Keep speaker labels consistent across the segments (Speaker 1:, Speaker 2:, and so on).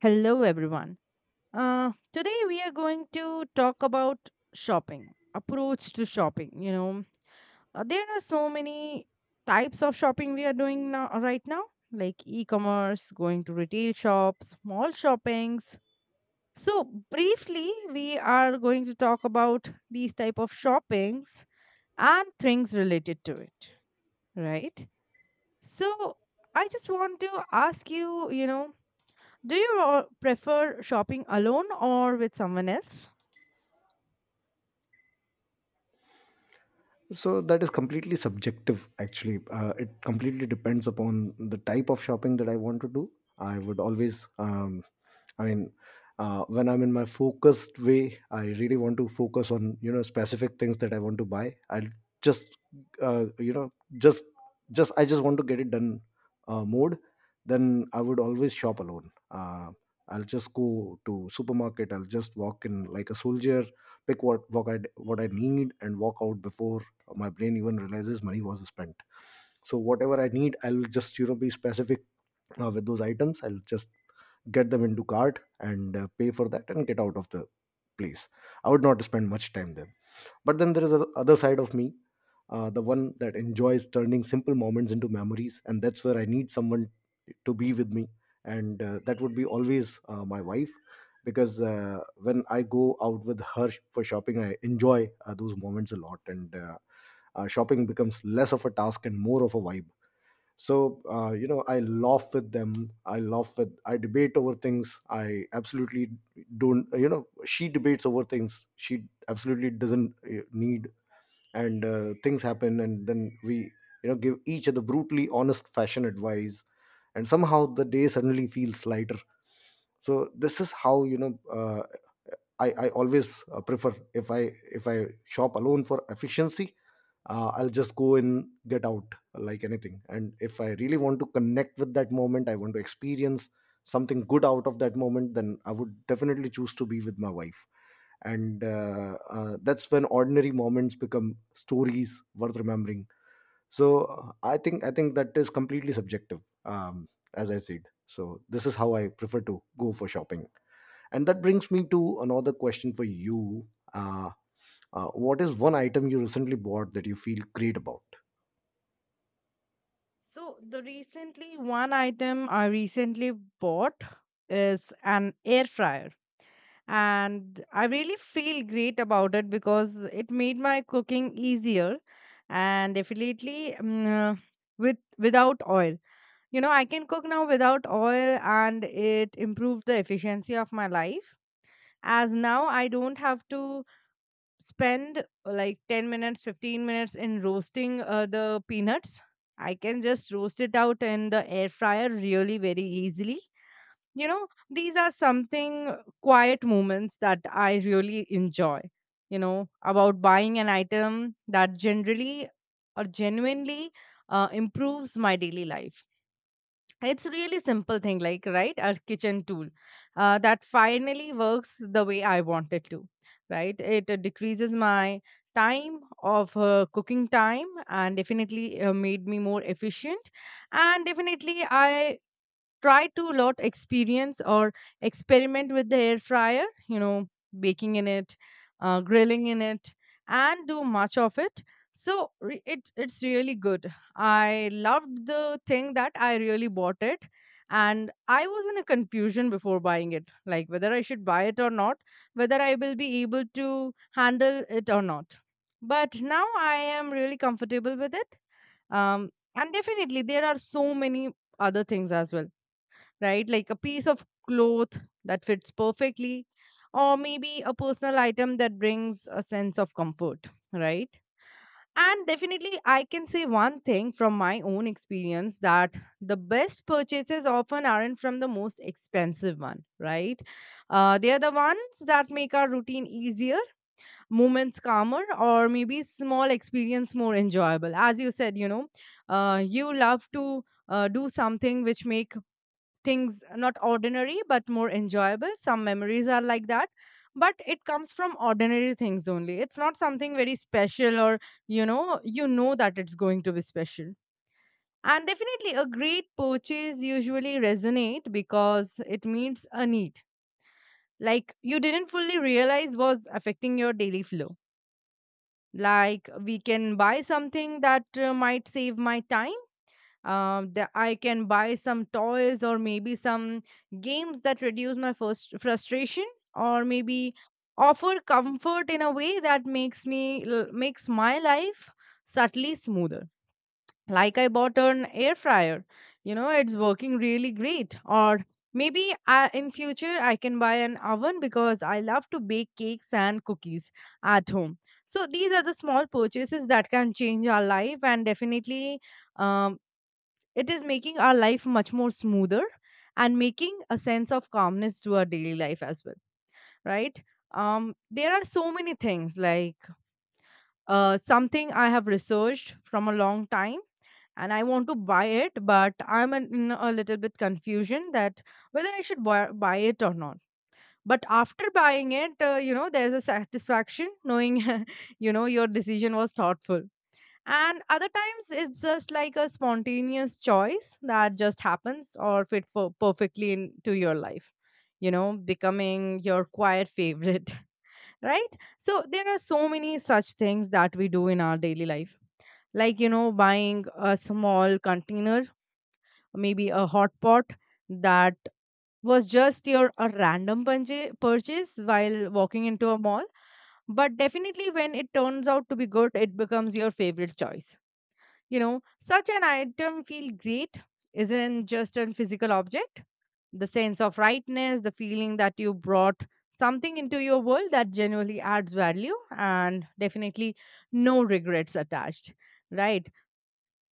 Speaker 1: Hello, everyone. Today we are going to talk about shopping, approach to shopping. There are so many types of shopping we are doing now, right now, like e-commerce, going to retail shops, mall shoppings. So briefly, we are going to talk about these type of shoppings and things related to it, right? So I just want to ask you, you know, do you prefer shopping alone or with someone else?
Speaker 2: So that is completely subjective, actually. It completely depends upon the type of shopping that I want to do. I would always, I mean, when I'm in my focused way, I really want to focus on specific things that I want to buy. I'll just, you know, just just I just want to get it done mode. Then I would always shop alone. I'll just go to supermarket. I'll just walk in like a soldier, pick what I need, and walk out before my brain even realizes money was spent. So whatever I need, I'll just be specific with those items. I'll just get them into cart and pay for that and get out of the place. I would not spend much time there. But then there is the other side of me, the one that enjoys turning simple moments into memories, and that's where I need someone to be with me. And that would be always, my wife. Because when I go out with her for shopping, I enjoy those moments a lot. And shopping becomes less of a task and more of a vibe. So, I laugh with them. I laugh with I debate over things I absolutely don't, she debates over things she absolutely doesn't need. And things happen, and then we, give each other brutally honest fashion advice, and somehow the day suddenly feels lighter. So this is how, I always prefer, if I shop alone for efficiency, I'll just go in, get out like anything. And if I really want to connect with that moment, I want to experience something good out of that moment, then I would definitely choose to be with my wife. And that's when ordinary moments become stories worth remembering. So, I think that is completely subjective, as I said. So this is how I prefer to go for shopping. And that brings me to another question for you. Uh, what is one item you recently bought that you feel great about?
Speaker 1: So the recently one item I recently bought is an air fryer, and I really feel great about it because it made my cooking easier and definitely with without oil. You know, I can cook now without oil, and it improved the efficiency of my life as now I don't have to spend like 10 minutes, 15 minutes in roasting the peanuts. I can just roast it out in the air fryer really very easily. You know, these are something quiet moments that I really enjoy, you know, about buying an item that generally or genuinely improves my daily life. It's really simple thing, like, right, our kitchen tool that finally works the way I want it to, right? It decreases my time of cooking time and definitely made me more efficient. And definitely I try to lot experience or experiment with the air fryer, you know, baking in it, grilling in it, and do much of it. So it's really good. I loved the thing that I really bought it, and I was in a confusion before buying it, like whether I should buy it or not, whether I will be able to handle it or not. But now I am really comfortable with it. um and definitely there are so many other things as well, right? Like a piece of cloth that fits perfectly, or maybe a personal item that brings a sense of comfort, right? And definitely, I can say one thing from my own experience that the best purchases often aren't from the most expensive one, right? They are the ones that make our routine easier, moments calmer, or maybe small experience more enjoyable. As you said, you know, you love to do something which make things not ordinary but more enjoyable. Some memories are like that, but it comes from ordinary things only. It's not something very special, or you know, you know that it's going to be special. And definitely a great purchase usually resonate because it meets a need like you didn't fully realize was affecting your daily flow. Like we can buy something that might save my time, that I can buy some toys or maybe some games that reduce my first frustration, or maybe offer comfort in a way that makes me makes my life subtly smoother. Like I bought an air fryer, you know, it's working really great. Or maybe in future I can buy an oven because I love to bake cakes and cookies at home. So these are the small purchases that can change our life, and definitely um, it is making our life much more smoother and making a sense of calmness to our daily life as well, right? There are so many things like something I have researched from a long time, and I want to buy it, but I'm in a little bit confusion that whether I should buy it or not. But after buying it, you know, there's a satisfaction knowing, you know, your decision was thoughtful, and other times it's just like a spontaneous choice that just happens or fit for perfectly into your life, you know, becoming your quiet favorite, right? So there are so many such things that we do in our daily life, like, you know, buying a small container, maybe a hot pot that was just your a random purchase while walking into a mall. But definitely when it turns out to be good, it becomes your favorite choice. You know, such an item feel great isn't just a physical object. The sense of rightness, the feeling that you brought something into your world that genuinely adds value, and definitely no regrets attached, right?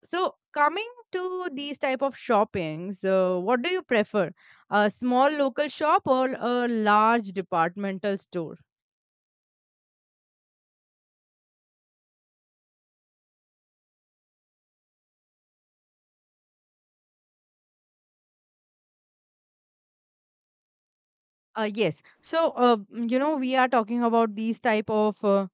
Speaker 1: So coming to these type of shoppings, what do you prefer? A small local shop or a large departmental store? Yes. So, you know, we are talking about these type of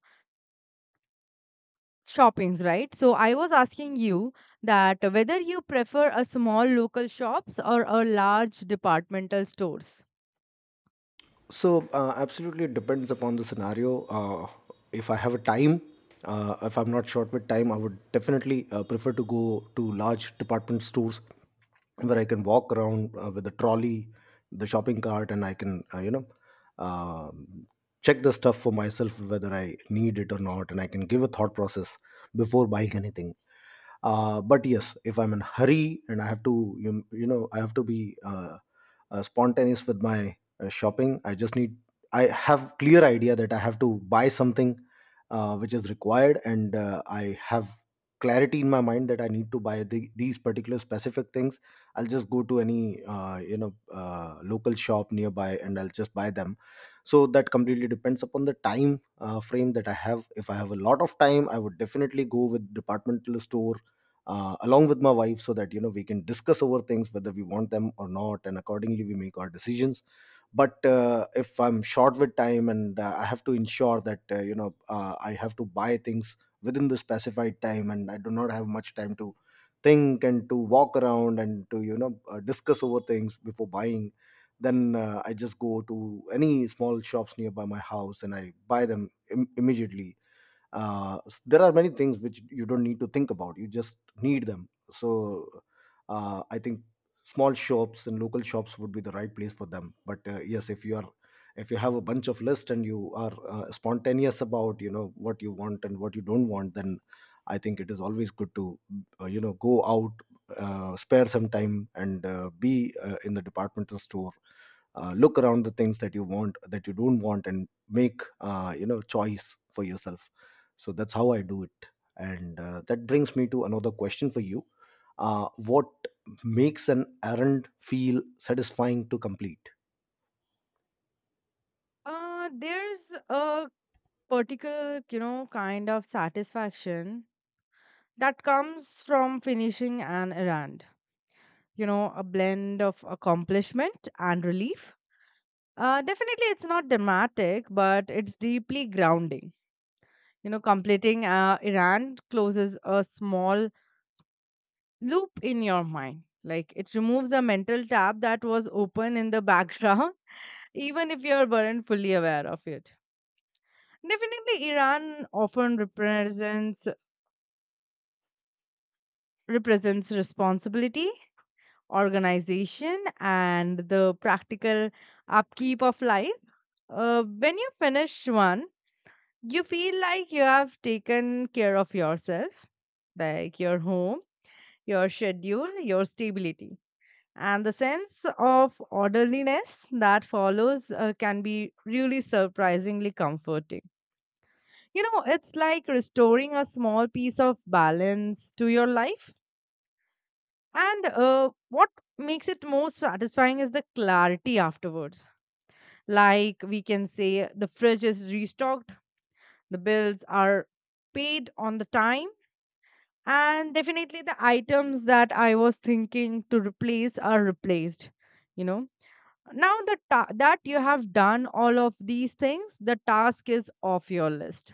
Speaker 1: shoppings, right? So I was asking you that whether you prefer a small local shops or a large departmental stores.
Speaker 2: So, absolutely, it depends upon the scenario. If I have a time, if I'm not short with time, I would definitely prefer to go to large department stores where I can walk around with the trolley, the shopping cart. And I can, um check the stuff for myself whether I need it or not, and I can give a thought process before buying anything. But yes, if I'm in a hurry and I have to, you know, I have to be spontaneous with my shopping. I just need, I have clear idea that I have to buy something which is required, and I have clarity in my mind that I need to buy these particular specific things. I'll just go to any local shop nearby, and I'll just buy them. So that completely depends upon the time frame that I have. If I have a lot of time, I would definitely go with departmental store along with my wife, so that we can discuss over things whether we want them or not, and accordingly we make our decisions. But if I'm short with time and I have to ensure that, I have to buy things within the specified time, and I do not have much time to think and to walk around and to, discuss over things before buying, then I just go to any small shops nearby my house, and I buy them immediately. There are many things which you don't need to think about, you just need them. So I think small shops and local shops would be the right place for them. But yes, if you have a bunch of list and you are spontaneous about what you want and what you don't want, then I think it is always good to go out, spare some time, and be in the departmental store, look around the things that you want, that you don't want, and make choice for yourself. So that's how I do it. And that brings me to another question for you. What makes an errand feel satisfying to complete?
Speaker 1: There's a particular, you know, kind of satisfaction that comes from finishing an errand, you know, a blend of accomplishment and relief. Definitely it's not dramatic, but it's deeply grounding. You know, completing a errand closes a small loop in your mind. Like it removes a mental tab that was open in the background, even if you weren't fully aware of it. Definitely, Iran often represents responsibility, organization, and the practical upkeep of life. When you finish one, you feel like you have taken care of yourself, like your home, your schedule, your stability, and the sense of orderliness that follows can be really surprisingly comforting. You know, it's like restoring a small piece of balance to your life. And what makes it most satisfying is the clarity afterwards. Like we can say the fridge is restocked, the bills are paid on the time, and definitely the items that I was thinking to replace are replaced, you know. That you have done all of these things, the task is off your list.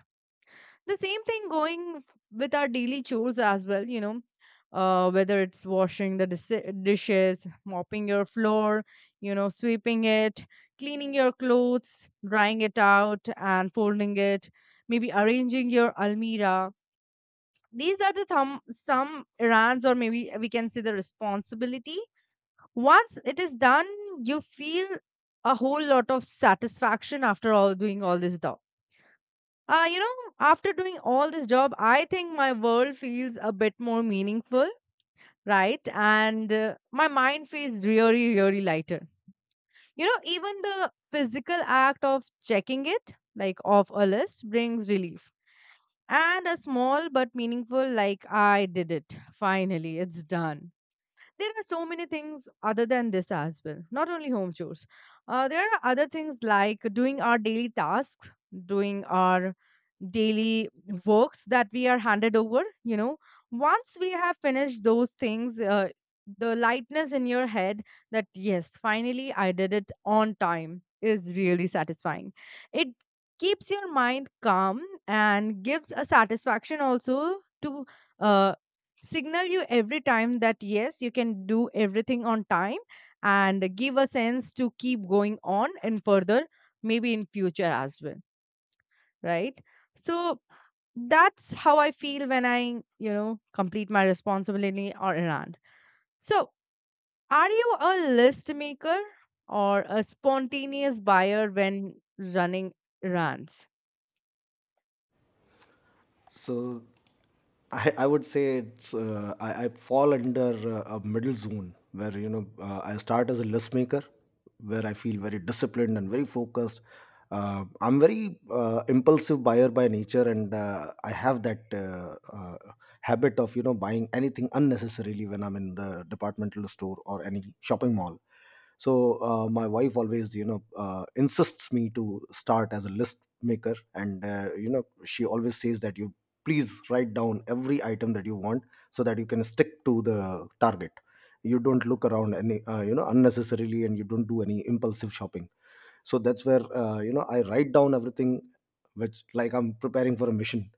Speaker 1: The same thing going with our daily chores as well, you know, whether it's washing the dishes, mopping your floor, you know, sweeping it, cleaning your clothes, drying it out and folding it, maybe arranging your almirah. These are the thumb, some errands, or maybe we can say the responsibility. Once it is done, you feel a whole lot of satisfaction after all doing all this job. You know, after doing all this job, I think my world feels a bit more meaningful, right? And my mind feels really, really lighter. You know, even the physical act of checking it, like off a list, brings relief. And a small but meaningful, like, I did it. Finally, it's done. There are so many things other than this as well, not only home chores. There are other things like doing our daily tasks, doing our daily works that we are handed over. You know, once we have finished those things, the lightness in your head that, yes, finally I did it on time is really satisfying. It keeps your mind calm and gives a satisfaction also to uh, signal you every time that yes, you can do everything on time and give a sense to keep going on and further maybe in future as well, right? So that's how I feel when I, you know, complete my responsibility or errand. So are you a list maker or a spontaneous buyer when running runs?
Speaker 2: So I would say it's, I fall under a middle zone where, I start as a list maker, where I feel very disciplined and very focused. I'm very impulsive buyer by nature, and I have that habit of, buying anything unnecessarily when I'm in the departmental store or any shopping mall. So, my wife always, insists me to start as a list maker. And, she always says that you please write down every item that you want, so that you can stick to the target. You don't look around any, unnecessarily, and you don't do any impulsive shopping. So that's where, I write down everything, which, like I'm preparing for a mission.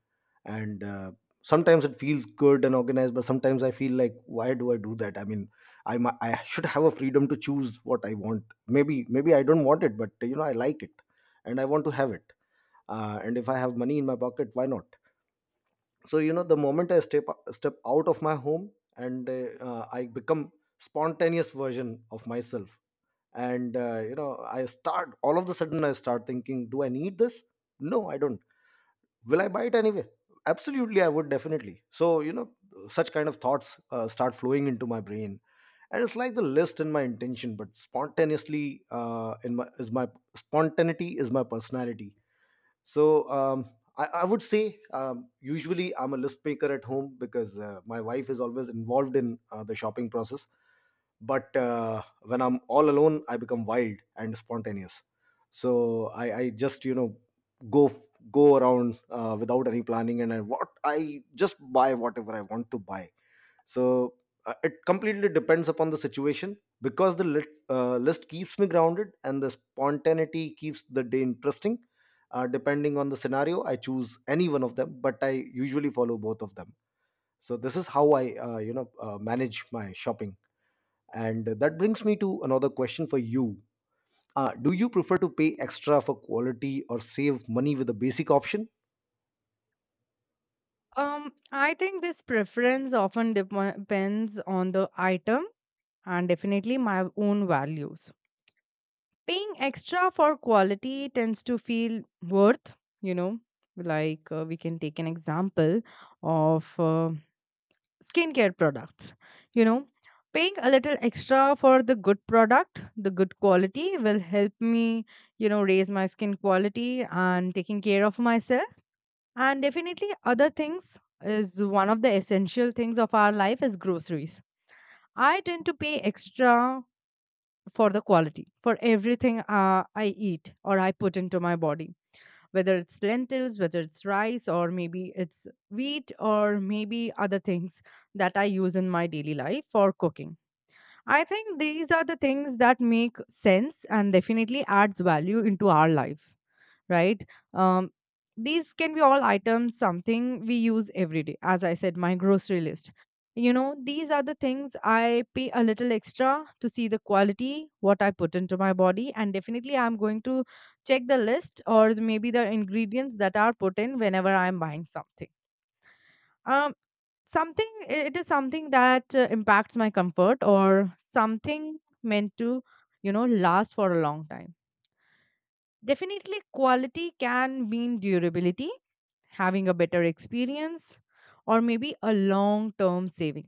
Speaker 2: And sometimes it feels good and organized, but sometimes I feel like why do I do that. I should have a freedom to choose what I want. Maybe I don't want it, but I like it, and I want to have it. And if I have money in my pocket, why not? So, the moment I step out of my home, and I become spontaneous version of myself. And, I start, all of the sudden I start thinking, do I need this? No, I don't. Will I buy it anyway? Absolutely, I would definitely. So, such kind of thoughts start flowing into my brain. And it's like the list in my intention, but spontaneously, in my is my spontaneity is my personality. So, I would say, usually I'm a list maker at home, because my wife is always involved in the shopping process. But when I'm all alone, I become wild and spontaneous. So I just, go go around without any planning. And I just buy whatever I want to buy. So it completely depends upon the situation, because the list keeps me grounded, and the spontaneity keeps the day interesting. Depending on the scenario, I choose any one of them, but I usually follow both of them. So this is how I, manage my shopping. And that brings me to another question for you. Do you prefer to pay extra for quality or save money with a basic option?
Speaker 1: I think this preference often depends on the item and definitely my own values. Paying extra for quality tends to feel worth, you know, like we can take an example of skincare products. You know, paying a little extra for the good product, the good quality will help me, you know, raise my skin quality and taking care of myself. And definitely other things is one of the essential things of our life is groceries. I tend to pay extra for the quality for everything I eat or I put into my body, whether it's lentils, whether it's rice, or maybe it's wheat, or maybe other things that I use in my daily life for cooking. I think these are the things that make sense and definitely adds value into our life, right? Um, these can be all items, something we use every day. As I said, my grocery list. You know, these are the things I pay a little extra to see the quality, what I put into my body, and definitely I'm going to check the list or maybe the ingredients that are put in whenever I'm buying something. Um, Something it is something that impacts my comfort or something meant to, you know, last for a long time. Definitely, quality can mean durability, having a better experience, or maybe a long term saving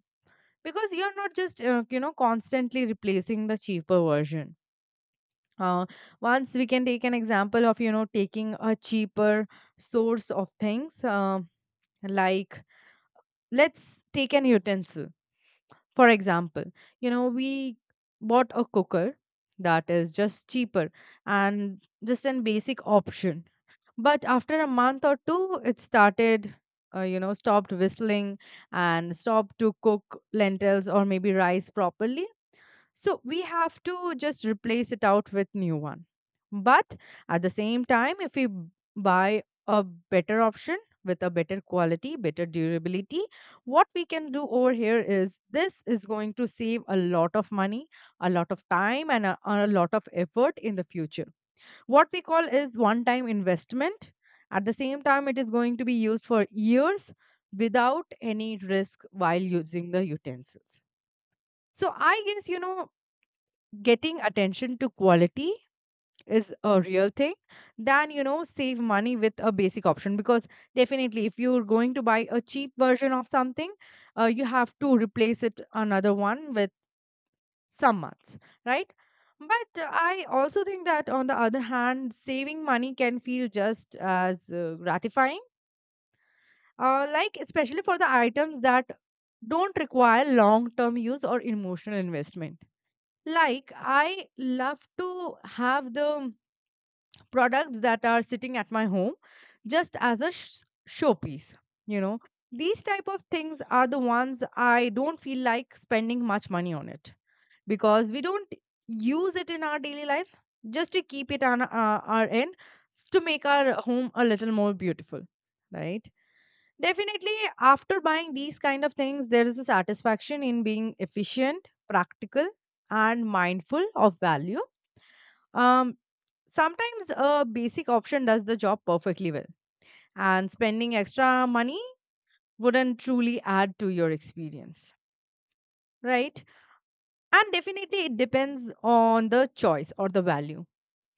Speaker 1: because you're not just, you know, constantly replacing the cheaper version. Uh, Once we can take an example of, you know, taking a cheaper source of things, like let's take an utensil. For example, we bought a cooker that is just cheaper and just an basic option. But after a month or two, it started, stopped whistling and stopped to cook lentils or maybe rice properly. So we have to just replace it out with new one. But at the same time, if buy a better option with a better quality, better durability, what we can do over here is this is going to save a lot of money, a lot of time, and a lot of effort in the future what we call is one time investment. At the same time, it is going to be used for years without any risk while using the utensils. So I guess, getting attention to quality is a real thing than, save money with a basic option. Because definitely, if you're going to buy a cheap version of something, you have to replace it another one with some months, right? But I also think that, on the other hand, saving money can feel just as gratifying, like especially for the items that don't require long term use or emotional investment. Like, I love to have the products that are sitting at my home just as a showpiece, you know. These type of things are the ones I don't feel like spending much money on it because we don't use it in our daily life just to keep it on our end to make our home a little more beautiful, right? Definitely after buying these kind of things there is a satisfaction in being efficient, practical, and mindful of value. um sometimes a basic option does the job perfectly well and spending extra money wouldn't truly add to your experience, right? And definitely it depends on the choice or the value,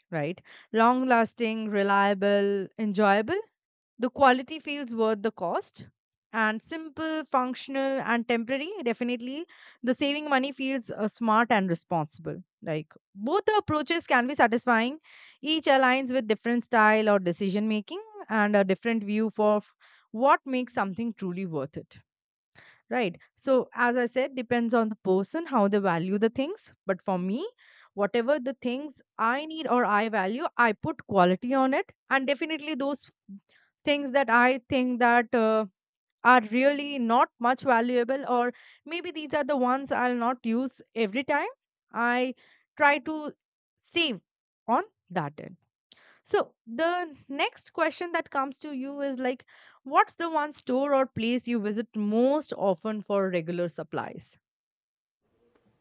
Speaker 1: right? Long lasting, reliable, enjoyable. The quality feels worth the cost. And simple, functional, and temporary. Definitely, the saving money feels smart and responsible. Like both the approaches can be satisfying. Each aligns with different style or decision making and a different view for what makes something truly worth it, right? So as I said, depends on the person how they value the things, but for me whatever the things I need or I value I put quality on it, and definitely those things that I think that are really not much valuable, or maybe these are the ones I'll not use every time, I try to save on that end. So the next question that comes to you is like, what's the one store or place you visit most often for regular supplies?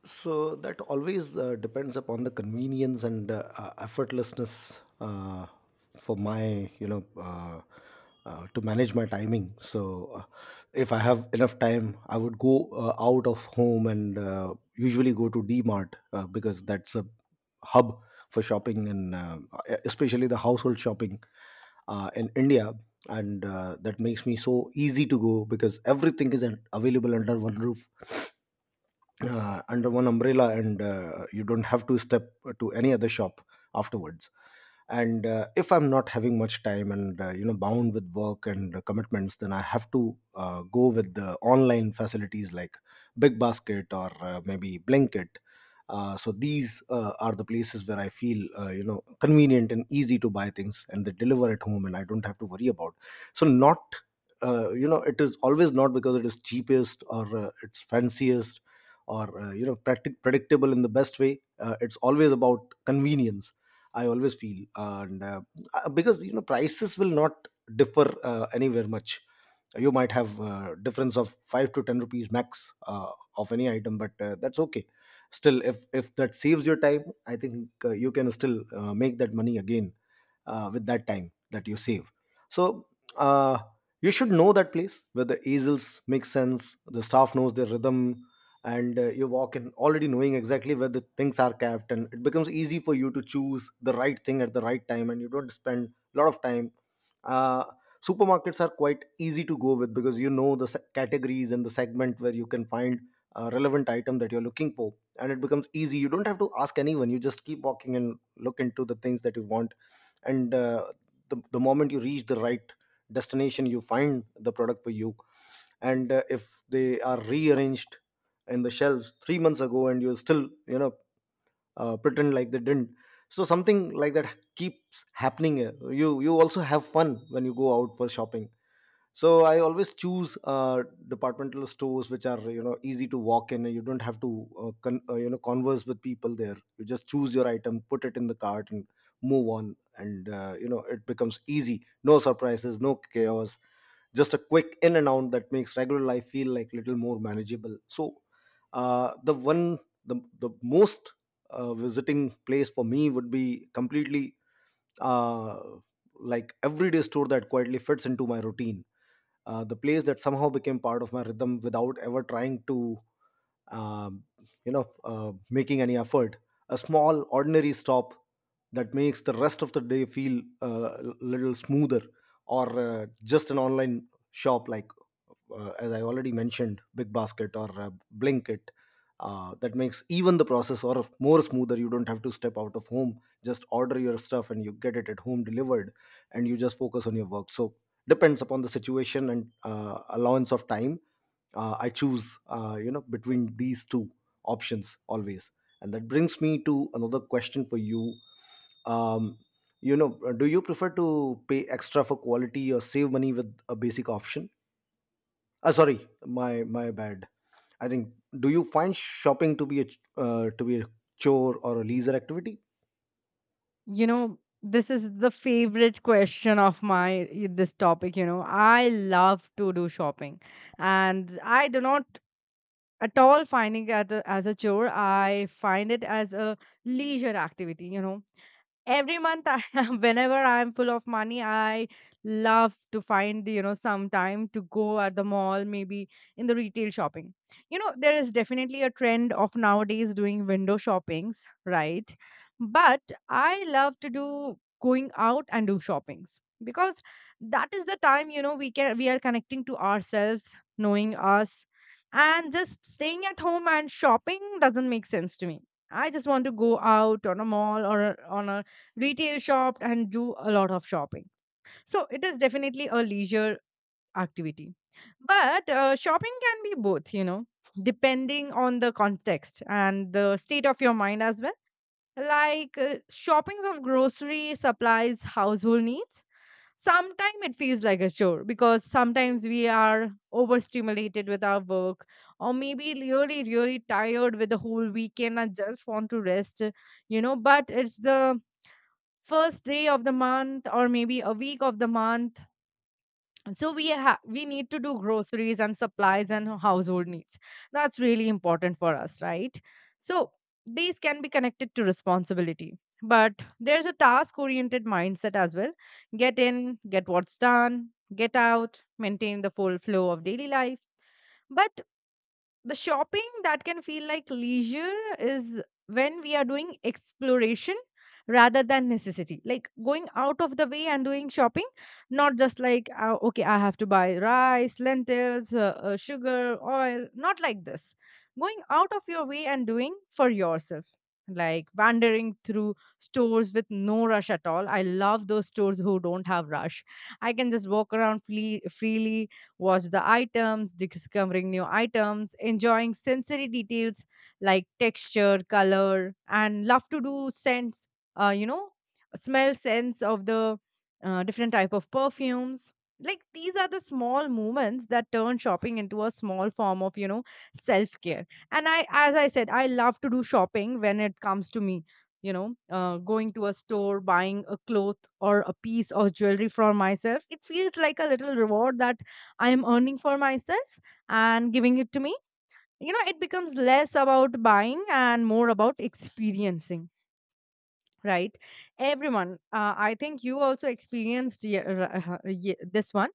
Speaker 2: So that always depends upon the convenience and effortlessness, for my, to manage my timing. So if I have enough time, I would go out of home and usually go to DMart, because that's a hub for shopping, and e-, especially the household shopping in India. And that makes me so easy to go, because everything is available under one roof, under one umbrella, and you don't have to step to any other shop afterwards. And if I'm not having much time, and bound with work and commitments, then I have to go with the online facilities, like Big Basket, or maybe Blinkit. So these are the places where I feel, convenient and easy to buy things, and they deliver at home, and I don't have to worry about. So not, it is always not because it is cheapest, or it's fanciest, or predictable in the best way. It's always about convenience, I always feel. And, because prices will not differ anywhere much. You might have difference of 5 to 10 rupees max, of any item, but that's okay. Still, if that saves your time, I think you can still make that money again with that time that you save. So uh, you should know that place where the easels make sense, the staff knows their rhythm, and you walk in already knowing exactly where the things are kept, and it becomes easy for you to choose the right thing at the right time, and you don't spend a lot of time. Uh, Supermarkets are quite easy to go with because you know the categories and the segment where you can find a relevant item that you're looking for, and it becomes easy. You don't have to ask anyone, you just keep walking and look into the things that you want. And the moment you reach the right destination, you find the product for you. And if they are rearranged in the shelves 3 months ago and you still pretend like they didn't. So something like that keeps happening. You also have fun when you go out for shopping. So I always choose departmental stores which are, you know, easy to walk in. You don't have to converse with people there. You just choose your item, put it in the cart and move on. And you know, it becomes easy. No surprises, no chaos, just a quick in and out that makes regular life feel like little more manageable. So the one, the most visiting place for me would be completely uh, like everyday store that quietly fits into my routine. The place that somehow became part of my rhythm without ever trying to, um, making any effort. A small, ordinary stop that makes the rest of the day feel a little smoother, or just an online shop like, as I already mentioned, Big Basket or Blinkit. That makes even the process or more smoother. You don't have to step out of home. Just order your stuff and you get it at home delivered, and you just focus on your work. So depends upon the situation and allowance of time. I choose, you know, between these two options always. And that brings me to another question for you. um, you know, do you prefer to pay extra for quality or save money with a basic option? Sorry, my bad. I think, do you find shopping to be a to be a chore or a leisure activity?
Speaker 1: You know, this is the favorite question of my this topic. You know, I love to do shopping, and I do not at all finding it as as a chore. I find it as a leisure activity. You know, every month I, whenever I'm full of money I love to find you know some time to go at the mall, maybe in the retail shopping. You know there is definitely a trend of nowadays doing window shoppings, right? But I love to do going out and do shoppings because that is the time you know we are connecting to ourselves, knowing us, and just staying at home and shopping doesn't make sense to me. I just want to go out on a mall or on a retail shopped and do a lot of shopping. So it is definitely a leisure activity. But shopping can be both, you know, depending on the context and the state of your mind as well. Like shoppings of grocery supplies, household needs. Sometimes it feels like a chore because sometimes we are overstimulated with our work, or maybe really, really tired with the whole weekend and just want to rest, you know. But it's the first day of the month or maybe a week of the month, so we need to do groceries and supplies and household needs. That's really important for us, right? So these can be connected to responsibility, but there's a task oriented mindset as well. Get in, get what's done, get out, maintain the full flow of daily life. But the shopping that can feel like leisure is when we are doing exploration rather than necessity, like going out of the way and doing shopping. Not just like okay, I have to buy rice, lentils, sugar, oil. Not like this. Going out of your way and doing for yourself, like wandering through stores with no rush at all. I love those stores who don't have rush. I can just walk around freely, watch the items, discovering new items, enjoying sensory details like texture, color, and love to do scents, uh, you know, smell sense of the different type of perfumes. Like these are the small moments that turn shopping into a small form of, you know, self-care. And I, as I said, I love to do shopping. When it comes to me, you know, going to a store, buying a cloth or a piece of jewelry for myself, it feels like a little reward that I am earning for myself and giving it to me. You know, it becomes less about buying and more about experiencing, right? Everyone, I think you also experienced this one.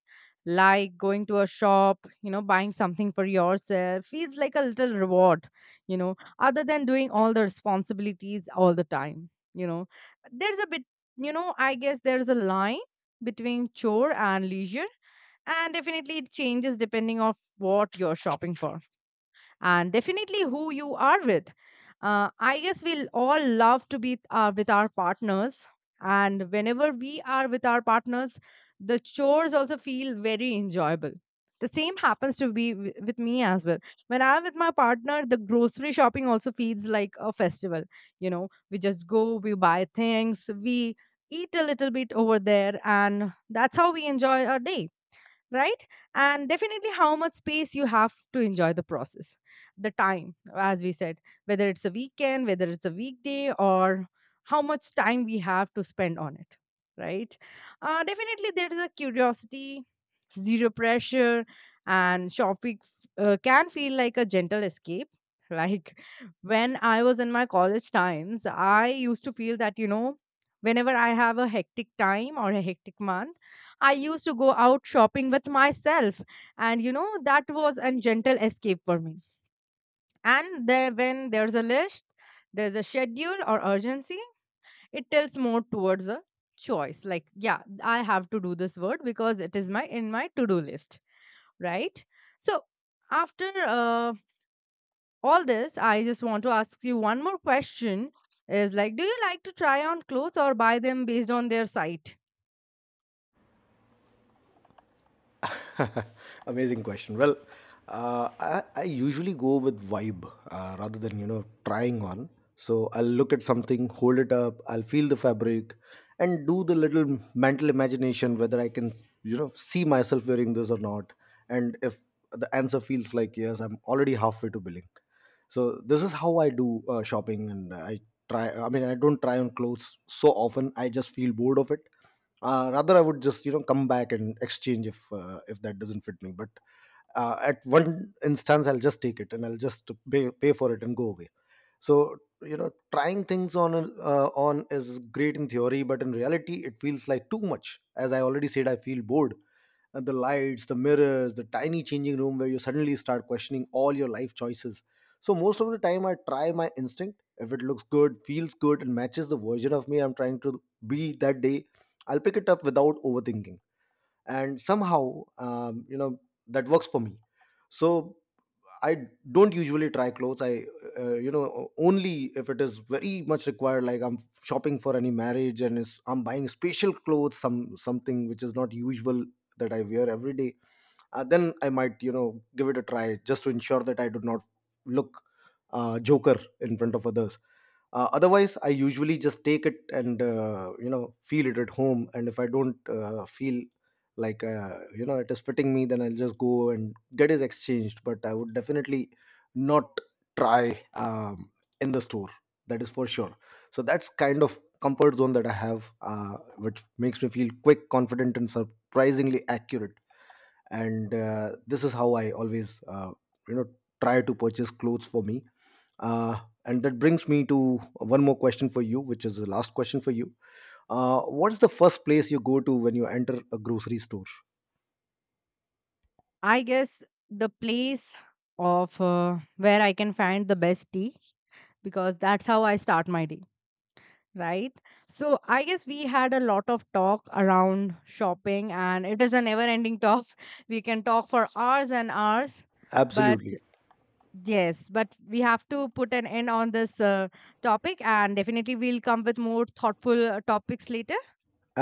Speaker 1: Like going to a shop, you know, buying something for yourself feels like a little reward, you know, other than doing all the responsibilities all the time, you know. There's a bit, you know, I guess there's a line between chore and leisure, and definitely it changes depending of what you're shopping for, and definitely who you are with. I guess we'll all love to be with our partners. And whenever we are with our partners, the chores also feel very enjoyable. The same happens to be with me as well. When I'm with my partner, the grocery shopping also feels like a festival. You know, we just go, we buy things, we eat a little bit over there, and that's how we enjoy our day, right? And definitely how much space you have to enjoy the process, the time as we said, whether it's a weekend, whether it's a weekday, or how much time we have to spend on it, right? Uh, definitely there is a curiosity, zero pressure, and shopping can feel like a gentle escape like when I was in my college times I used to feel that you know whenever I have a hectic time or a hectic month, I used to go out shopping with myself, and you know that was a gentle escape for me. And there when there's a list, there's a schedule or urgency, it tilts more towards a choice like yeah, I have to do this word because it is my in my to do list, right? So, after all this, I just want to ask you one more question, is like, do you like to try on clothes or buy them based on their site?
Speaker 2: Amazing question. Well, I usually go with vibe rather than, you know, trying on. So I'll look at something, hold it up, I'll feel the fabric, and do the little mental imagination whether I can, you know, see myself wearing this or not. And if the answer feels like yes, I'm already halfway to billing. So this is how I do shopping, and I try. I mean, I don't try on clothes so often. I just feel bored of it, rather, I would just, you know, come back and exchange if that doesn't fit me. But at one instance, I'll just take it and I'll just pay for it and go away. So you know, trying things on is great in theory, but in reality it feels like too much. As I already said, I feel bored. And the lights, the mirrors, the tiny changing room where you suddenly start questioning all your life choices. So most of the time I try my instinct. If it looks good, feels good, and matches the version of me I'm trying to be that day, I'll pick it up without overthinking. And somehow, you know, that works for me. So I don't usually try clothes. I, you know, only if it is very much required. Like I'm shopping for any marriage, and is I'm buying special clothes, some something which is not usual that I wear every day. Then I might, you know, give it a try just to ensure that I do not look joker in front of others. Otherwise I usually just take it and, you know, feel it at home. And if I don't feel like you know, it is fitting me, then I'll just go and get it exchanged. But I would definitely not try, in the store, that is for sure. So that's kind of comfort zone that I have, which makes me feel quick confident and surprisingly accurate. And this is how I always, you know, try to purchase clothes for me. uh, and that brings me to one more question for you, which is the last question for you. What's the first place you go to when you enter a grocery store?
Speaker 1: I guess the place of where I can find the best tea, because that's how I start my day, right? So, I guess we had a lot of talk around shopping, and it is a never ending talk. We can talk for hours and hours, but.
Speaker 2: Absolutely,
Speaker 1: Yes, but we have to put an end on this topic, and definitely we'll come with more thoughtful topics later.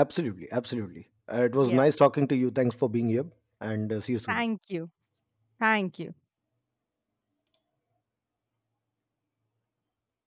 Speaker 2: absolutely, absolutely. It was
Speaker 1: Yeah,
Speaker 2: nice talking to you, thanks for being here. And see you soon.
Speaker 1: thank you. Thank you.